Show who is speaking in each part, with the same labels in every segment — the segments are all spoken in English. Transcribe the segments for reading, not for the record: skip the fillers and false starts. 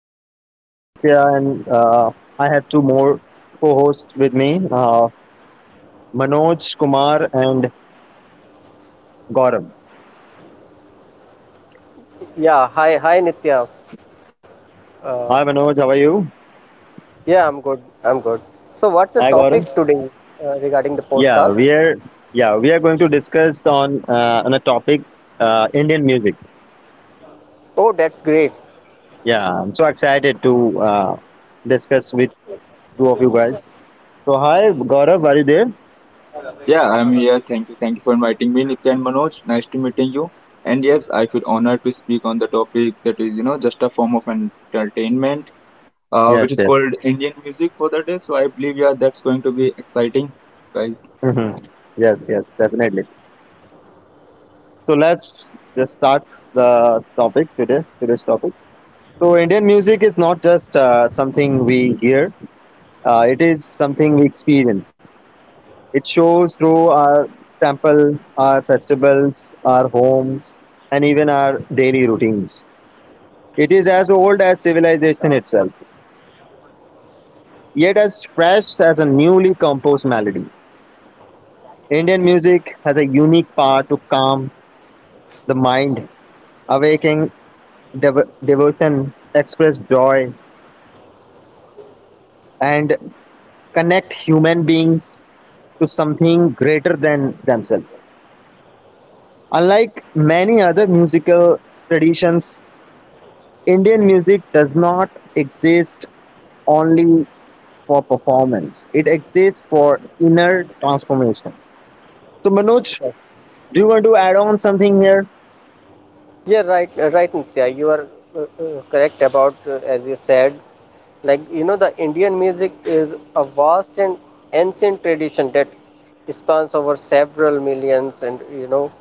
Speaker 1: to our show. I'm Nitya and I have two more co-hosts with me, Manoj Kumar and Gaurav.
Speaker 2: Yeah, hi Nitya. Uh,
Speaker 1: Hi Manoj, how are you?
Speaker 2: yeah, I'm good. I'm good. So, what's the
Speaker 1: Hi Gaurav.
Speaker 2: topic today regarding the
Speaker 1: Yeah,
Speaker 2: podcast?
Speaker 1: we are going to discuss on on a topic, Indian music.
Speaker 2: Oh, that's great.
Speaker 1: Yeah, I'm so excited to discuss with two of you guys. So hi Gaurav, are you there?
Speaker 3: Yeah, I'm here. Thank you. Thank you for inviting me, Nitya and Manoj. Nice to meeting you. And yes, I feel honored to speak on the topic that is, you know, just a form of entertainment, which
Speaker 1: Yes,
Speaker 3: is
Speaker 1: yes.
Speaker 3: called Indian music for the day. So I believe, yeah, that's going to be exciting, guys.
Speaker 1: Mhm. Yes, yes, definitely. So let's just start the topic, today's topic. So Indian music is not just something we hear; it is something we experience. It shows through our temple, our festivals, our homes, and even our daily routines. It is as old as civilization itself, yet as fresh as a newly composed melody. Indian music has a unique power to calm the mind, awaken devotion, express joy, and connect human beings to something greater than themselves. Unlike many other musical traditions, Indian music does not exist only for performance, it exists for inner transformation. So, Manoj, do you want to add on something here?
Speaker 2: Yeah, right, Nitya. You are correct about as you said. Like you know, the Indian music is a vast and ancient tradition that spans over several millions, and you know,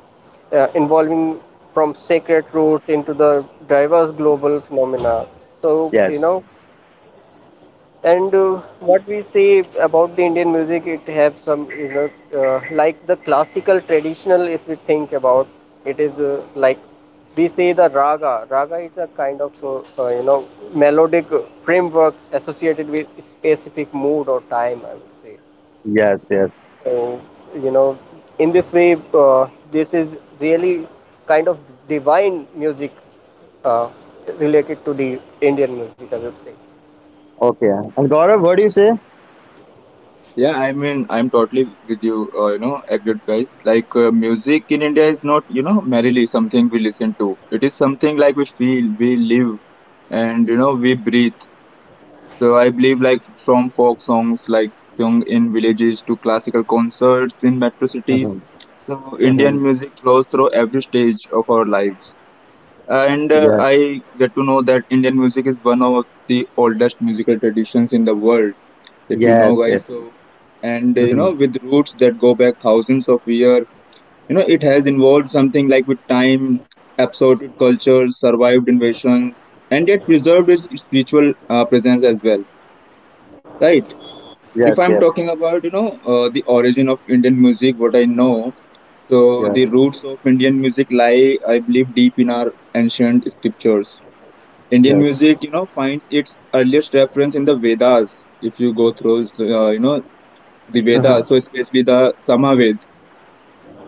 Speaker 2: involving from sacred roots into the diverse global phenomena. So you
Speaker 1: Yes,
Speaker 2: know. And What we say about the Indian music, it have some, you know, like the classical traditional, if we think about, it is like we say the raga. Raga is a kind of, you know, melodic framework associated with specific mood or time, I would say.
Speaker 1: yes, yes.
Speaker 2: So, you know, in this way, this is really kind of divine music uh, related to the Indian music, I would say.
Speaker 1: Okay. And Gaurav, what do you say?
Speaker 3: Yeah, I mean, I'm totally with you. You know, agreed, guys. Like, music in India is not, you know, merely something we listen to. It is something like we feel, we live, and you know, we breathe. So I believe like from folk songs like sung in villages to classical concerts in metro cities.
Speaker 1: Hmm.
Speaker 3: So
Speaker 1: Hmm.
Speaker 3: Indian music flows through every stage of our life. And
Speaker 1: Yes,
Speaker 3: I get to know that Indian music is one of the oldest musical traditions in the world, if you know
Speaker 1: yes,
Speaker 3: guys.
Speaker 1: yes.
Speaker 3: So and you
Speaker 1: Hmm.
Speaker 3: know, with roots that go back thousands of years, you know it has involved something like with time, absorbed cultures, survived invasion, and yet preserved its spiritual presence as well, right? If
Speaker 1: Yes,
Speaker 3: I'm
Speaker 1: yes,
Speaker 3: talking about, you know, the origin of Indian music, what I know. So the
Speaker 1: yes,
Speaker 3: roots of Indian music lie, I believe, deep in our ancient scriptures. Indian
Speaker 1: yes.
Speaker 3: music, you know, finds its earliest reference in the Vedas. If you go through, you know, the
Speaker 1: Hmm.
Speaker 3: Vedas, so especially the Samaved.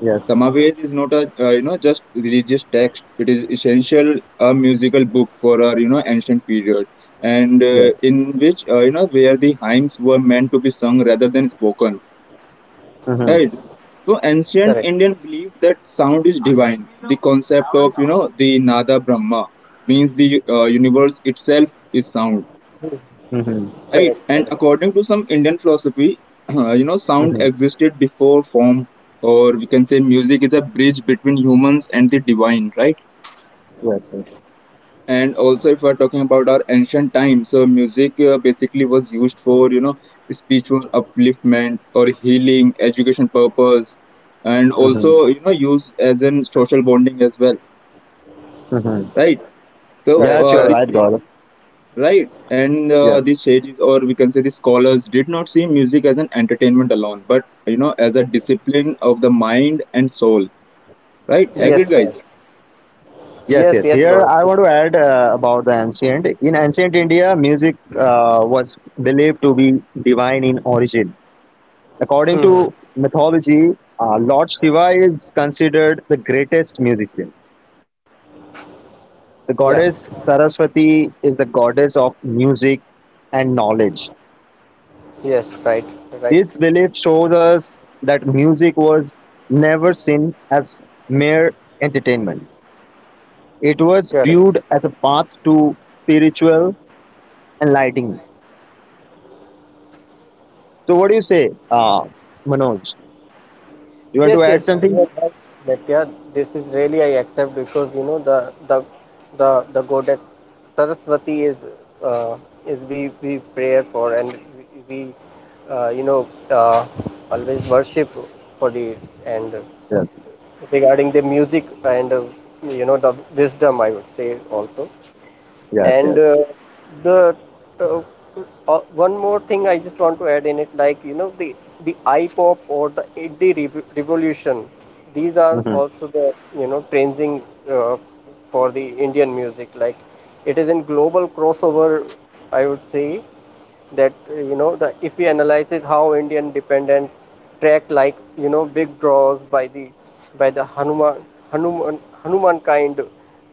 Speaker 1: Yes,
Speaker 3: Samaved is not a, you know, just religious text. It is essential a musical book for our, you know, ancient period. and uh,
Speaker 1: yes.
Speaker 3: in which uh, you know, where the hymns were meant to be sung rather than spoken.
Speaker 1: Hmm.
Speaker 3: Right. So ancient
Speaker 2: Correct.
Speaker 3: Indian believed that sound is divine. The concept of, you know, the nada brahma means the, universe itself is sound,
Speaker 1: Hmm.
Speaker 3: right?
Speaker 2: Correct.
Speaker 3: And
Speaker 2: Correct.
Speaker 3: according to some Indian philosophy, you know, sound
Speaker 1: Hmm.
Speaker 3: existed before form, or we can say music is a bridge between humans and the divine, right?
Speaker 1: Yes, yes.
Speaker 3: And also if we're talking about our ancient times, so music basically was used for, you know, spiritual upliftment or healing education purpose, and
Speaker 1: Hmm.
Speaker 3: also, you know, used as an social bonding as well,
Speaker 1: Hmm.
Speaker 3: right? So
Speaker 2: Correct,
Speaker 1: Yes, you're
Speaker 2: correct.
Speaker 3: these
Speaker 1: right, Gaurav.
Speaker 3: sages, right, and
Speaker 1: Yes.
Speaker 3: these sages, or we can say the scholars, did not see music as an entertainment alone, but, you know, as a discipline of the mind and soul. Right?
Speaker 1: Yes.
Speaker 3: Agreed,
Speaker 2: Yes,
Speaker 3: guys.
Speaker 2: right.
Speaker 1: Yes,
Speaker 2: Yes,
Speaker 1: yes.
Speaker 2: yes,
Speaker 1: Here
Speaker 2: Gaurav.
Speaker 1: I want to add about the ancient. In ancient India, music was believed to be divine in origin. According
Speaker 2: Hmm,
Speaker 1: to
Speaker 2: hmm.
Speaker 1: mythology, Lord Shiva is considered the greatest musician. The
Speaker 2: Yeah.
Speaker 1: goddess Saraswati is the goddess of music and knowledge.
Speaker 2: Yes, right, right.
Speaker 1: This belief shows us that music was never seen as mere entertainment. It was
Speaker 2: Correct.
Speaker 1: viewed as a path to spiritual enlightenment. So what do you say, Manoj? You want to
Speaker 2: Yes,
Speaker 1: add
Speaker 2: yes. You
Speaker 1: something?
Speaker 2: are right, Nitya. This is really I accept because you know the the goddess Saraswati uh, is we pray for and we, uh, you know uh, always worship for the and
Speaker 1: Yes,
Speaker 2: regarding the music and you know the wisdom I would say also.
Speaker 1: yes,
Speaker 2: And
Speaker 1: yes.
Speaker 2: the uh, one more thing I just want to add in it, like you know the iPop or the indie revolution, these are
Speaker 1: Mm-hmm,
Speaker 2: also the you know trending uh, for the Indian music. Like it is in global crossover, I would say, that you know the if we analyzes how Indian dependents track like you know big draws by the Hanuman Hanuman kind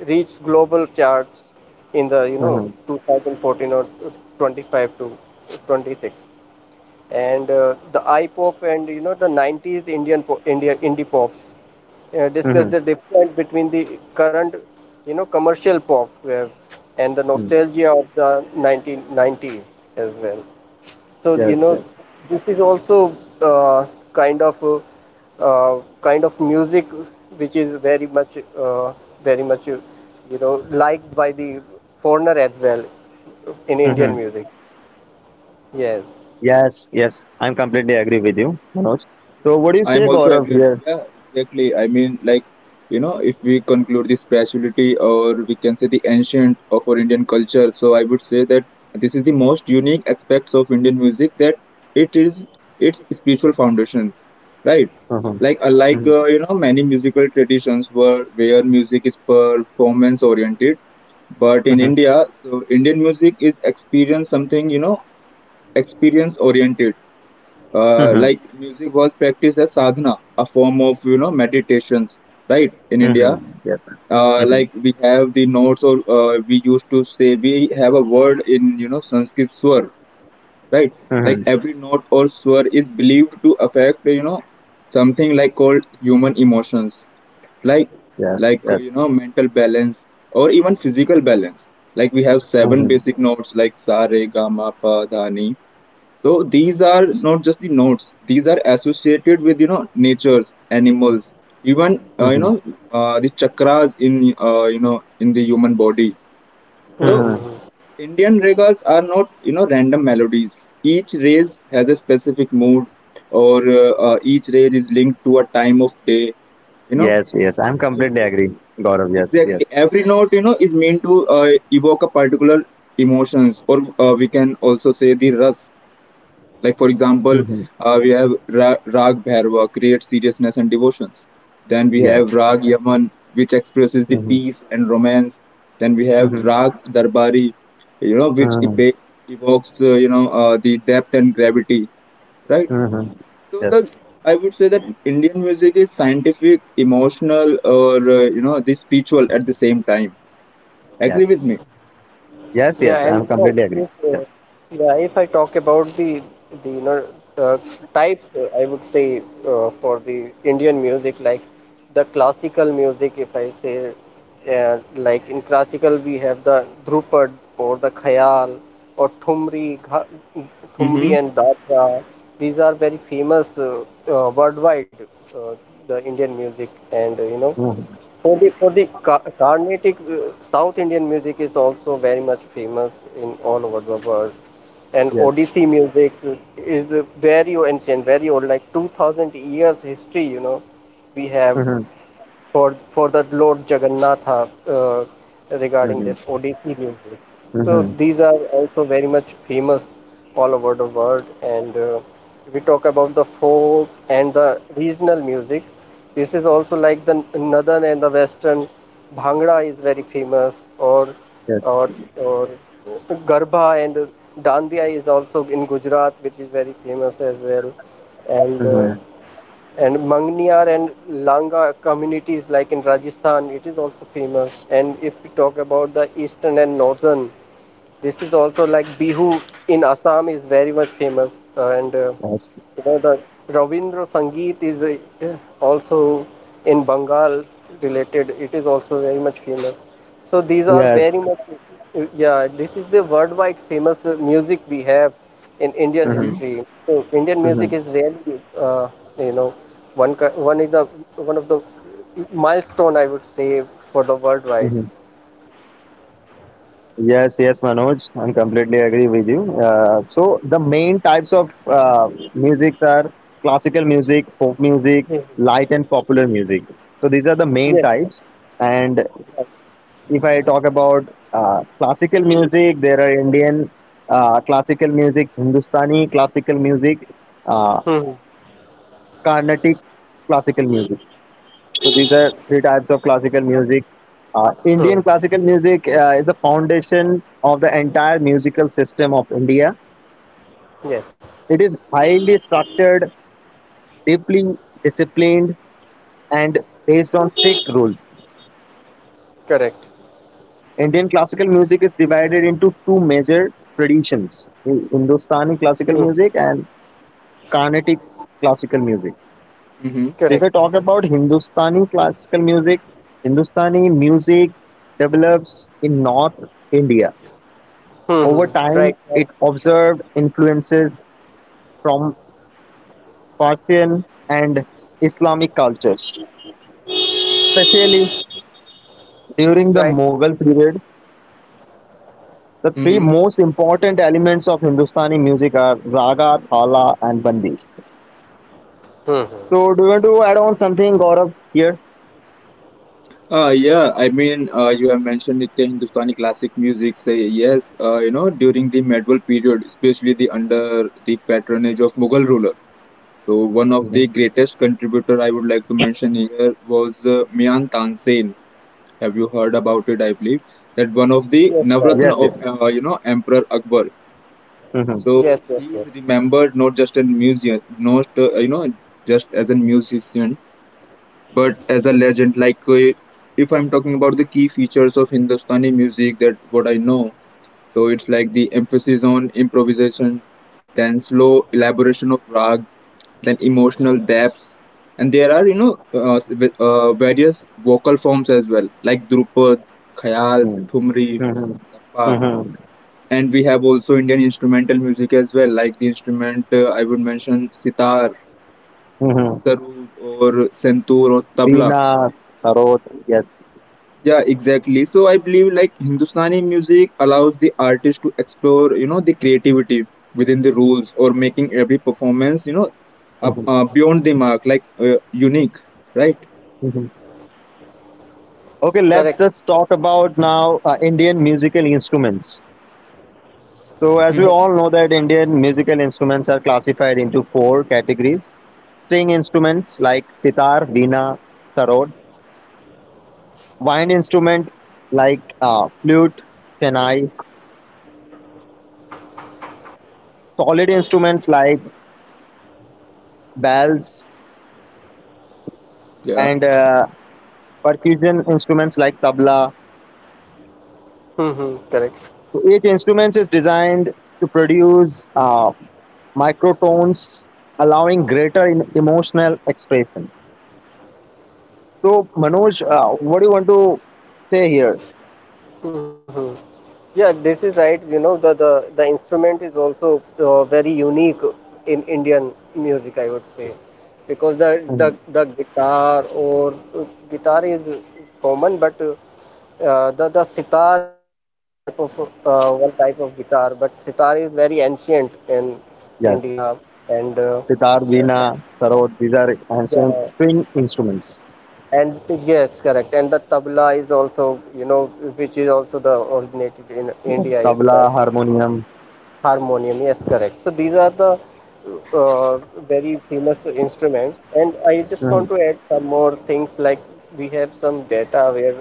Speaker 2: reached global charts in the you
Speaker 1: mm-hmm,
Speaker 2: know 2014 or 25 to 26 and the I pop and you know the 90s Indian india indie pops
Speaker 1: mm-hmm.
Speaker 2: discuss the difference between the current you know commercial pop where, and the
Speaker 1: Mm.
Speaker 2: nostalgia of the 1990s as well, so
Speaker 1: Yes,
Speaker 2: you know
Speaker 1: yes.
Speaker 2: this is also uh, kind of uh, kind of music which is very much you know liked by the foreigner as well in Indian
Speaker 1: Mm-hmm.
Speaker 2: music. Yes.
Speaker 1: Yes, yes. I'm completely agree with you, Manoj. So what do you
Speaker 3: I am
Speaker 1: say,
Speaker 3: also
Speaker 1: Gaurav?
Speaker 3: agreed.
Speaker 1: Here.
Speaker 3: Yeah, exactly. I mean, like, you know, if we conclude this spirituality, or we can say the ancient of our Indian culture, so I would say that this is the most unique aspects of Indian music that it is its spiritual foundation, right?
Speaker 1: Mm-hmm,
Speaker 3: Like, unlike,
Speaker 1: mm-hmm,
Speaker 3: you know, many musical traditions were where music is performance oriented, but in
Speaker 1: mm-hmm,
Speaker 3: India, so Indian music is experience something, you know, experience oriented. uh,
Speaker 1: mm-hmm.
Speaker 3: like music was practiced as sadhana, a form of, you know, meditations, right? In
Speaker 1: Mm-hmm.
Speaker 3: India,
Speaker 1: Yes. Mm-hmm,
Speaker 3: like we have the notes, or we used to say we have a word in, you know, Sanskrit swar, right? Like
Speaker 1: mm-hmm.
Speaker 3: every note or swar is believed to affect, you know, something like called human emotions, like
Speaker 1: Yes,
Speaker 3: you
Speaker 1: yes.
Speaker 3: know, mental balance or even physical balance. Like we have seven
Speaker 1: Mm-hmm,
Speaker 3: basic notes like sa re ga ma pa dha ni. So these are not just the notes; these are associated with, you know, natures, animals, even you
Speaker 1: mm-hmm,
Speaker 3: know, the chakras in, you know, in the human body.
Speaker 2: Hmm,
Speaker 3: So
Speaker 2: hmm,
Speaker 1: mm-hmm.
Speaker 2: hmm.
Speaker 3: Indian ragas are not, you know, random melodies. Each raise has a specific mood, or each raise is linked to a time of day. You know
Speaker 1: Yes, yes. I'm completely
Speaker 3: every
Speaker 1: agree, Gaurav. Yes,
Speaker 3: exactly
Speaker 1: yes.
Speaker 3: every note, you know, is meant to evoke a particular emotions, or we can also say the rus. Like for example,
Speaker 1: Mm-hmm.
Speaker 3: Rag Bhairava, creates seriousness and devotions. Then we have
Speaker 1: Yes.
Speaker 3: Rag Yaman, which expresses the
Speaker 1: Mm-hmm,
Speaker 3: peace and romance. Then we have
Speaker 1: mm-hmm,
Speaker 3: Rag Darbari, you know,
Speaker 1: mm-hmm.
Speaker 3: evokes, you know, the depth and gravity, right?
Speaker 1: Mm-hmm.
Speaker 3: So
Speaker 1: Yes,
Speaker 3: thus, I would say that Indian music is scientific, emotional, or you know, the spiritual at the same time. Agree
Speaker 1: yes.
Speaker 3: with me?
Speaker 1: Yes,
Speaker 2: Yeah,
Speaker 1: yes,
Speaker 2: and you
Speaker 1: I'm
Speaker 2: know,
Speaker 1: completely agree.
Speaker 2: if, uh,
Speaker 1: Yes.
Speaker 2: yeah, if I talk about the you know uh, types, I would say for the Indian music, like the classical music, if I say like in classical we have the Dhrupad or the Khayal or Thumri
Speaker 3: Mm-hmm.
Speaker 2: and Datra. These are very famous, worldwide, uh, the Indian music, and you know.
Speaker 1: Mhm.
Speaker 2: For the Carnatic South Indian music is also very much famous in all over the world, and
Speaker 1: Yes.
Speaker 2: Odissi music is a very ancient, very old, like 2,000 years history. You know, we have
Speaker 1: Mm-hmm.
Speaker 2: for the Lord Jagannatha, regarding
Speaker 1: Mm-hmm.
Speaker 2: this Odissi music. So
Speaker 1: Hmm.
Speaker 2: these are also very much famous all over the world. And If we talk about the folk and the regional music, this is also like the northern and the western. Bhangra is very famous,
Speaker 1: Yes.
Speaker 2: or or Garba and Dandiya is also in Gujarat, which is very famous as well. And uh,
Speaker 1: Mm-hmm.
Speaker 2: and Mangniyar and Langa communities like in Rajasthan, it is also famous. And if we talk about the eastern and northern, this is also like Bihu in Assam is very much famous. And
Speaker 1: Yes.
Speaker 2: you know, the Ravindra Sangeet is a, also in Bengal related. It is also very much famous. So these are
Speaker 1: Yes.
Speaker 2: very much, yeah, this is the worldwide famous music we have in Indian
Speaker 1: Mm-hmm.
Speaker 3: Mm-hmm.
Speaker 2: history. So Indian
Speaker 1: Mm-hmm.
Speaker 2: music is really, you know, one ki- one is the one of the milestone I would say for the worldwide.
Speaker 1: Hmm. Yes, yes, Manoj, I'm completely agree with you. So the main types of music are classical music, folk music,
Speaker 2: Mhm.
Speaker 1: light and popular music. So these are the
Speaker 2: Yes,
Speaker 1: main
Speaker 2: sir.
Speaker 1: types. And
Speaker 2: Right.
Speaker 1: if I talk about classical music, there are Indian classical music, Hindustani classical music, uh.
Speaker 2: Mhm.
Speaker 1: Carnatic classical music. So these are three types of classical music.
Speaker 2: Hmm.
Speaker 1: Indian classical music is the foundation of the entire musical system of India.
Speaker 2: Yes.
Speaker 1: It is highly structured, deeply disciplined, and based on strict rules.
Speaker 2: Correct.
Speaker 1: Indian classical music is divided into two major traditions: Hindustani classical
Speaker 2: Hmm.
Speaker 1: music and Carnatic classical music.
Speaker 3: Mm-hmm.
Speaker 1: If I
Speaker 2: Correct.
Speaker 1: talk about Hindustani classical music, Hindustani music develops in North India.
Speaker 2: Hmm,
Speaker 1: Over
Speaker 2: hmm.
Speaker 1: time,
Speaker 2: Right.
Speaker 1: it
Speaker 2: Right.
Speaker 1: observed influences from Persian and Islamic cultures. Especially during the
Speaker 2: Right.
Speaker 1: Mughal period, the three
Speaker 3: Mm-hmm.
Speaker 1: most important elements of Hindustani music are raga, thala, and bandi.
Speaker 2: Hmm, hmm.
Speaker 1: So, do you want to add on something, Gaurav, here?
Speaker 3: Yeah, I mean, you have mentioned it, the Hindustani classic music. Say yes, you know, during the medieval period, especially the under the patronage of Mughal ruler. So one of the
Speaker 1: Mhm.
Speaker 3: greatest contributor I would like to mention here was Mian Tansen. Have you heard about it? I believe that one of the
Speaker 2: Yes, sir.
Speaker 3: Navratna
Speaker 1: Yes,
Speaker 3: of
Speaker 1: yes.
Speaker 3: you know, Emperor Akbar.
Speaker 1: Hmm.
Speaker 3: So
Speaker 2: Yes, yes,
Speaker 3: he
Speaker 2: yes.
Speaker 3: is remembered not just in museum, not you know, just as a musician, but as a legend like if I'm talking about the key features of Hindustani music, that what I know. So it's like the emphasis on improvisation, then slow elaboration of rag, then emotional depth, and there are, you know, various vocal forms as well, like drupad, khayal, thumri,
Speaker 1: Hmm.
Speaker 3: tappa.
Speaker 1: Hmm.
Speaker 3: And we have also Indian instrumental music as well, like the instrument, I would mention sitar,
Speaker 1: Hmm.
Speaker 3: sarod, or santoor, or tabla.
Speaker 1: Veena, Sarod, yes.
Speaker 3: Yeah, exactly. So I believe like Hindustani music allows the artist to explore, you know, the creativity within the rules, or making every performance, you know, up,
Speaker 1: Mhm,
Speaker 3: beyond the mark, like unique, right?
Speaker 1: mhm. Okay, let's
Speaker 2: Correct.
Speaker 1: just talk about now Indian musical instruments. So, as we
Speaker 3: Hmm.
Speaker 2: Yes.
Speaker 1: all know that Indian musical instruments are classified into four categories: string instruments like sitar, veena, sarod; wind instrument like flute, chennai; solid instruments like bells, and percussion instruments like tabla.
Speaker 2: Mm-hmm. Correct.
Speaker 1: So, each instrument is designed to produce microtones, allowing greater emotional expression. So, Manoj, what do you want to say here?
Speaker 2: Mm-hmm. Yeah, this is right. You know, the instrument is also very unique in Indian music, I would say, because the the
Speaker 1: Mhm.
Speaker 2: the guitar is common, but the sitar is also the type of one type of guitar, but sitar is very ancient in
Speaker 1: Yes,
Speaker 2: India and.
Speaker 1: sitar, veena, sarod, these are ancient
Speaker 2: Yeah,
Speaker 1: string instruments.
Speaker 2: and yes, correct. And the tabla is also, you know, which is also the originated in India
Speaker 1: Tabla,
Speaker 2: itself.
Speaker 1: harmonium.
Speaker 2: Harmonium, yes, correct. So these are the uh, very famous instruments. And I just want
Speaker 1: Mhm,
Speaker 2: to add some more things like we have some data where,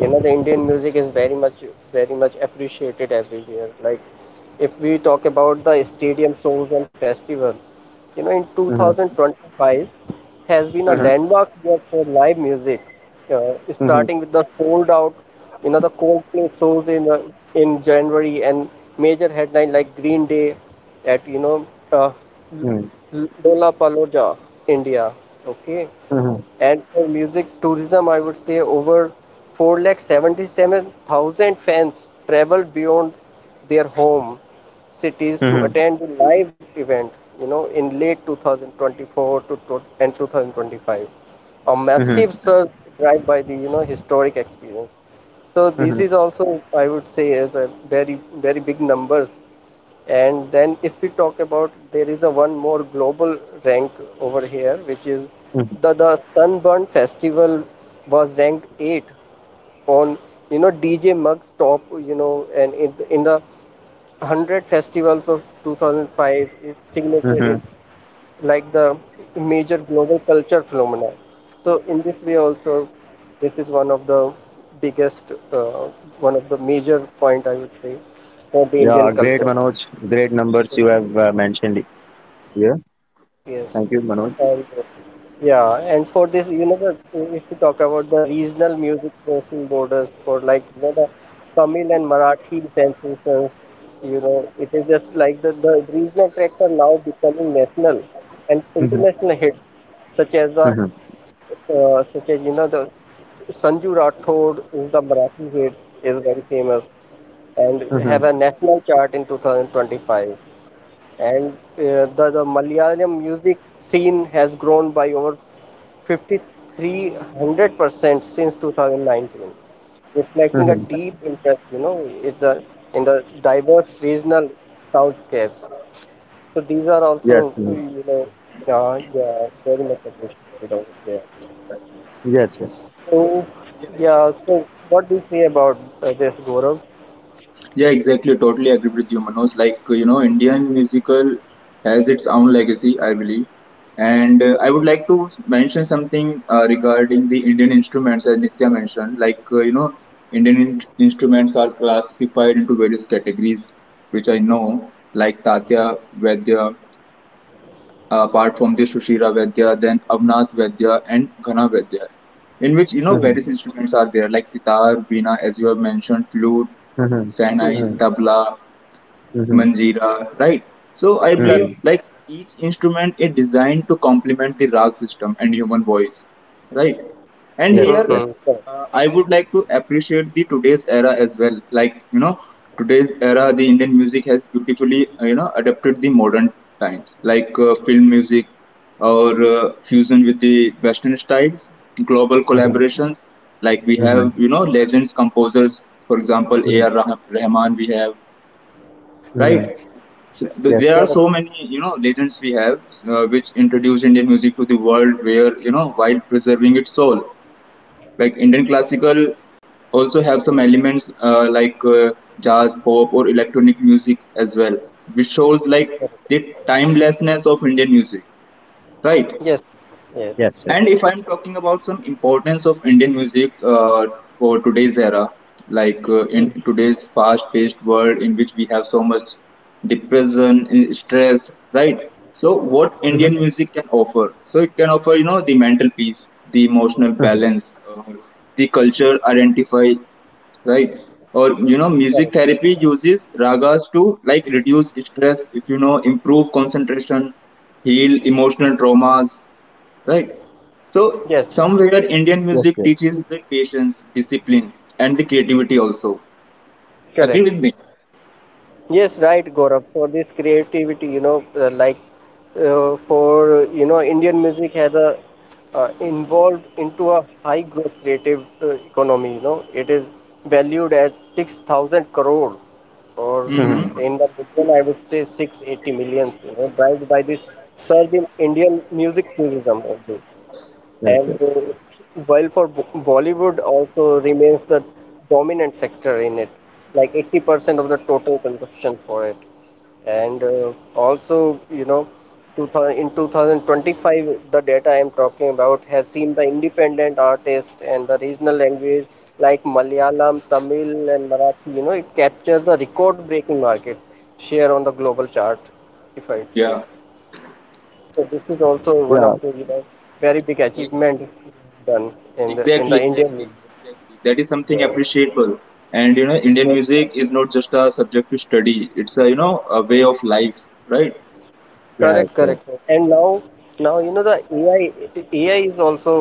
Speaker 2: you know, the Indian music is very much, very much appreciated everywhere. Like if we talk about the stadium shows and festival, you know, in
Speaker 1: mhm,
Speaker 2: 2025 has been a
Speaker 1: mhm,
Speaker 2: landmark year for live music,
Speaker 1: mhm,
Speaker 2: starting with the sold out, you know, the Coldplay shows in January and major headline like Green Day at you know L- Lollapalooza, India. Okay,
Speaker 1: mhm,
Speaker 2: and for music tourism, I would say over 4 lakh 77 thousand fans travel beyond their home cities to
Speaker 1: mhm,
Speaker 2: attend the live event, you know, in late 2024 to and 2025. A
Speaker 1: mhm,
Speaker 2: massive
Speaker 1: mhm,
Speaker 2: surge driven by the, you know, historic experience. So this
Speaker 1: mhm,
Speaker 2: is also, I would say, is a very, very big numbers. And then if we talk about, there is a one more global rank over here, which is
Speaker 1: mhm,
Speaker 2: the Sunburn Festival was ranked eight on you know DJ Mug's top you know and in the 100 festivals of 2005 is signature.
Speaker 1: mhm.
Speaker 2: It's like the major global culture phenomena. So in this way also, this is one of the biggest, uh, one of the major point I would say for the Indian
Speaker 1: Yeah, great
Speaker 2: culture.
Speaker 1: Manoj. Great numbers you have mentioned here.
Speaker 2: Yes, yes.
Speaker 1: Thank you, Manoj.
Speaker 2: And Yeah, and for this, you know, the, if you talk about the regional music crossing borders for like, you know, the Tamil and Marathi sensations, you know, it is just like the regional tracks are now becoming national and
Speaker 1: Mhm,
Speaker 2: international hits, such as the,
Speaker 1: mhm,
Speaker 2: such as, you know, the Sanju Rathod in the Marathi hits is very famous and
Speaker 1: mhm,
Speaker 2: have a national chart in 2025 and the Malayalam music scene has grown by over 5300% since 2019, reflecting a
Speaker 1: mhm.
Speaker 2: deep interest, you know, in the diverse regional soundscapes. So these are
Speaker 1: Yes,
Speaker 2: also,
Speaker 1: mhm.
Speaker 2: you know, yeah, yeah, very much appreciated over there.
Speaker 1: Yes, yes.
Speaker 2: So, yeah, so what do you say about this, Gaurav?
Speaker 3: Yeah, exactly. Totally agree with you, Manoj. Like, you know, Indian musical has its own legacy, I believe. And I would like to mention something regarding the Indian instruments, as Nitya mentioned. Like, you know, instruments are classified into various categories, which I know, like Tatya Vaidya, apart from the Shushira Vaidya, then Avnath Vaidya, and Ghana Vaidya, in which, you know,
Speaker 1: Mhm,
Speaker 3: various instruments are there, like sitar, veena, as you have mentioned, flute,
Speaker 1: mhm.
Speaker 3: Chennai,
Speaker 2: Hmm,
Speaker 1: Mhm.
Speaker 3: tabla.
Speaker 1: Mm-hmm.
Speaker 3: Manjira, right? So I believe
Speaker 1: Mm-hmm.
Speaker 3: like each instrument is designed to complement the rag system and human voice, right? And
Speaker 2: hmm, hmm. Correct,
Speaker 1: Yes,
Speaker 3: here
Speaker 2: hmm,
Speaker 1: yes.
Speaker 2: correct,
Speaker 3: I would like to appreciate the today's era as well. Like, you know, today's era, the Indian music has beautifully you know, adapted the modern times, like film music, or fusion with the Western styles, global
Speaker 1: Mm-hmm.
Speaker 3: collaborations. Like we have,
Speaker 1: Mm-hmm.
Speaker 3: you know, legends composers, for example,
Speaker 1: Mm-hmm.
Speaker 3: Rahman. We have, right?
Speaker 1: Mm-hmm.
Speaker 3: So,
Speaker 1: Yes,
Speaker 3: there are
Speaker 2: correct,
Speaker 3: so many, you know, legends we have, which introduce Indian music to the world, where, you know, while preserving its soul, like Indian classical, also have some elements like jazz, pop, or electronic music as well, which shows like
Speaker 2: correct.
Speaker 3: the timelessness of Indian music, right?
Speaker 2: Yes, yes.
Speaker 1: yes, yes.
Speaker 3: And if I'm talking about some importance of Indian music for today's era, like
Speaker 2: Hmm,
Speaker 3: in
Speaker 2: hmm,
Speaker 3: today's fast-paced world, in which we have so much depression, and stress, right? So what Indian
Speaker 1: Mm-hmm.
Speaker 3: music can offer? So it can offer, you know, the mental peace, the emotional
Speaker 1: Mm-hmm.
Speaker 3: balance, the culture identify, right? Or you know, music
Speaker 2: correct.
Speaker 3: therapy uses ragas to like reduce stress, if you know, improve concentration, heal emotional traumas, right? So
Speaker 2: Yes,
Speaker 3: somewhere Indian
Speaker 1: Yes,
Speaker 3: music
Speaker 1: yes.
Speaker 3: teaches the patience, discipline, and the creativity also. Agree with
Speaker 2: correct.
Speaker 3: me?
Speaker 2: Yes, right, Gaurav. For this creativity, you know, like for you know, Indian music has a involved into a high growth creative economy. You know, it is valued as 6,000 crore, or
Speaker 3: Mm-hmm.
Speaker 1: Mm-hmm.
Speaker 2: in the million, I would say 680 millions. You know, driven by this surge in Indian music tourism only.
Speaker 1: Yes,
Speaker 2: And
Speaker 1: yes.
Speaker 2: While for Bollywood also remains the dominant sector in it, like 80% of the total consumption for it. And Also, you know, 2000, in 2025, the data I'm talking about has seen the independent artist and the regional language like Malayalam, Tamil, and Marathi, you know, it captures the record-breaking market share on the global chart, if I'd say.
Speaker 3: Yeah.
Speaker 2: So this is also one
Speaker 1: Yeah,
Speaker 2: of the you know very big
Speaker 3: Like,
Speaker 2: achievement done in the in
Speaker 3: exactly,
Speaker 2: the Indian
Speaker 3: exactly,
Speaker 2: Navy.
Speaker 3: exactly. That is something
Speaker 2: Yes,
Speaker 3: appreciable. And you know, Indian
Speaker 2: yes, sir.
Speaker 3: music is not just a subject to study; it's a you know a way of life, right?
Speaker 2: Correct,
Speaker 1: yes, yes.
Speaker 2: correct, sir. And now you know the AI AI is also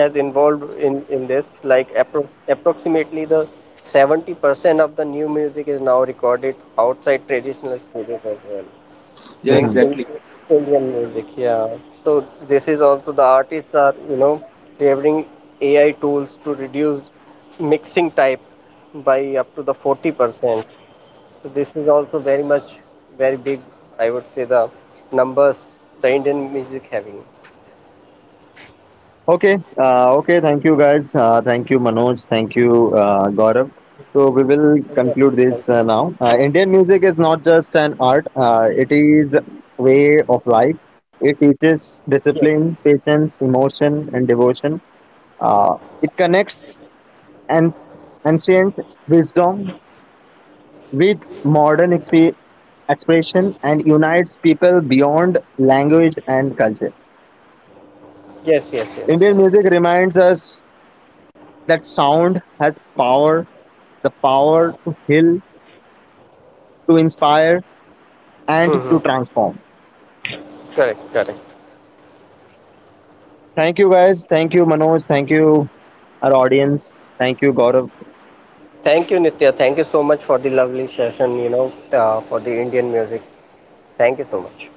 Speaker 2: has involved in this like approximately the 70% of the new music is now recorded outside traditional studios as well
Speaker 3: Yeah,
Speaker 2: in,
Speaker 1: Mm-hmm.
Speaker 2: in
Speaker 3: exactly.
Speaker 2: Indian music. Yeah. So this is also the artists are you know favoring AI tools to reduce mixing type by up to the 40%. So this is also very much very big. I would say the numbers the Indian music having.
Speaker 1: Okay, okay. Thank you, guys. Thank you, Manoj. Thank you, Gaurav. So we will
Speaker 2: Okay.
Speaker 1: conclude this now. Indian music is not just an art; it is way of life. It teaches
Speaker 2: Yes.
Speaker 1: discipline, patience, emotion, and devotion. Uh, it connects and ancient wisdom with modern expression and unites people beyond language and culture.
Speaker 2: Yes. Yes. Yes.
Speaker 1: Indian music reminds us that sound has power, the power to heal, to inspire, and
Speaker 2: Mm-hmm.
Speaker 1: to transform.
Speaker 2: Correct, correct.
Speaker 1: Thank you, guys. Thank you, Manoj. Thank you, our audience. Thank you, Gaurav.
Speaker 2: Thank you, Nitya. Thank you so much for the lovely session, you know, for the Indian music. Thank you so much.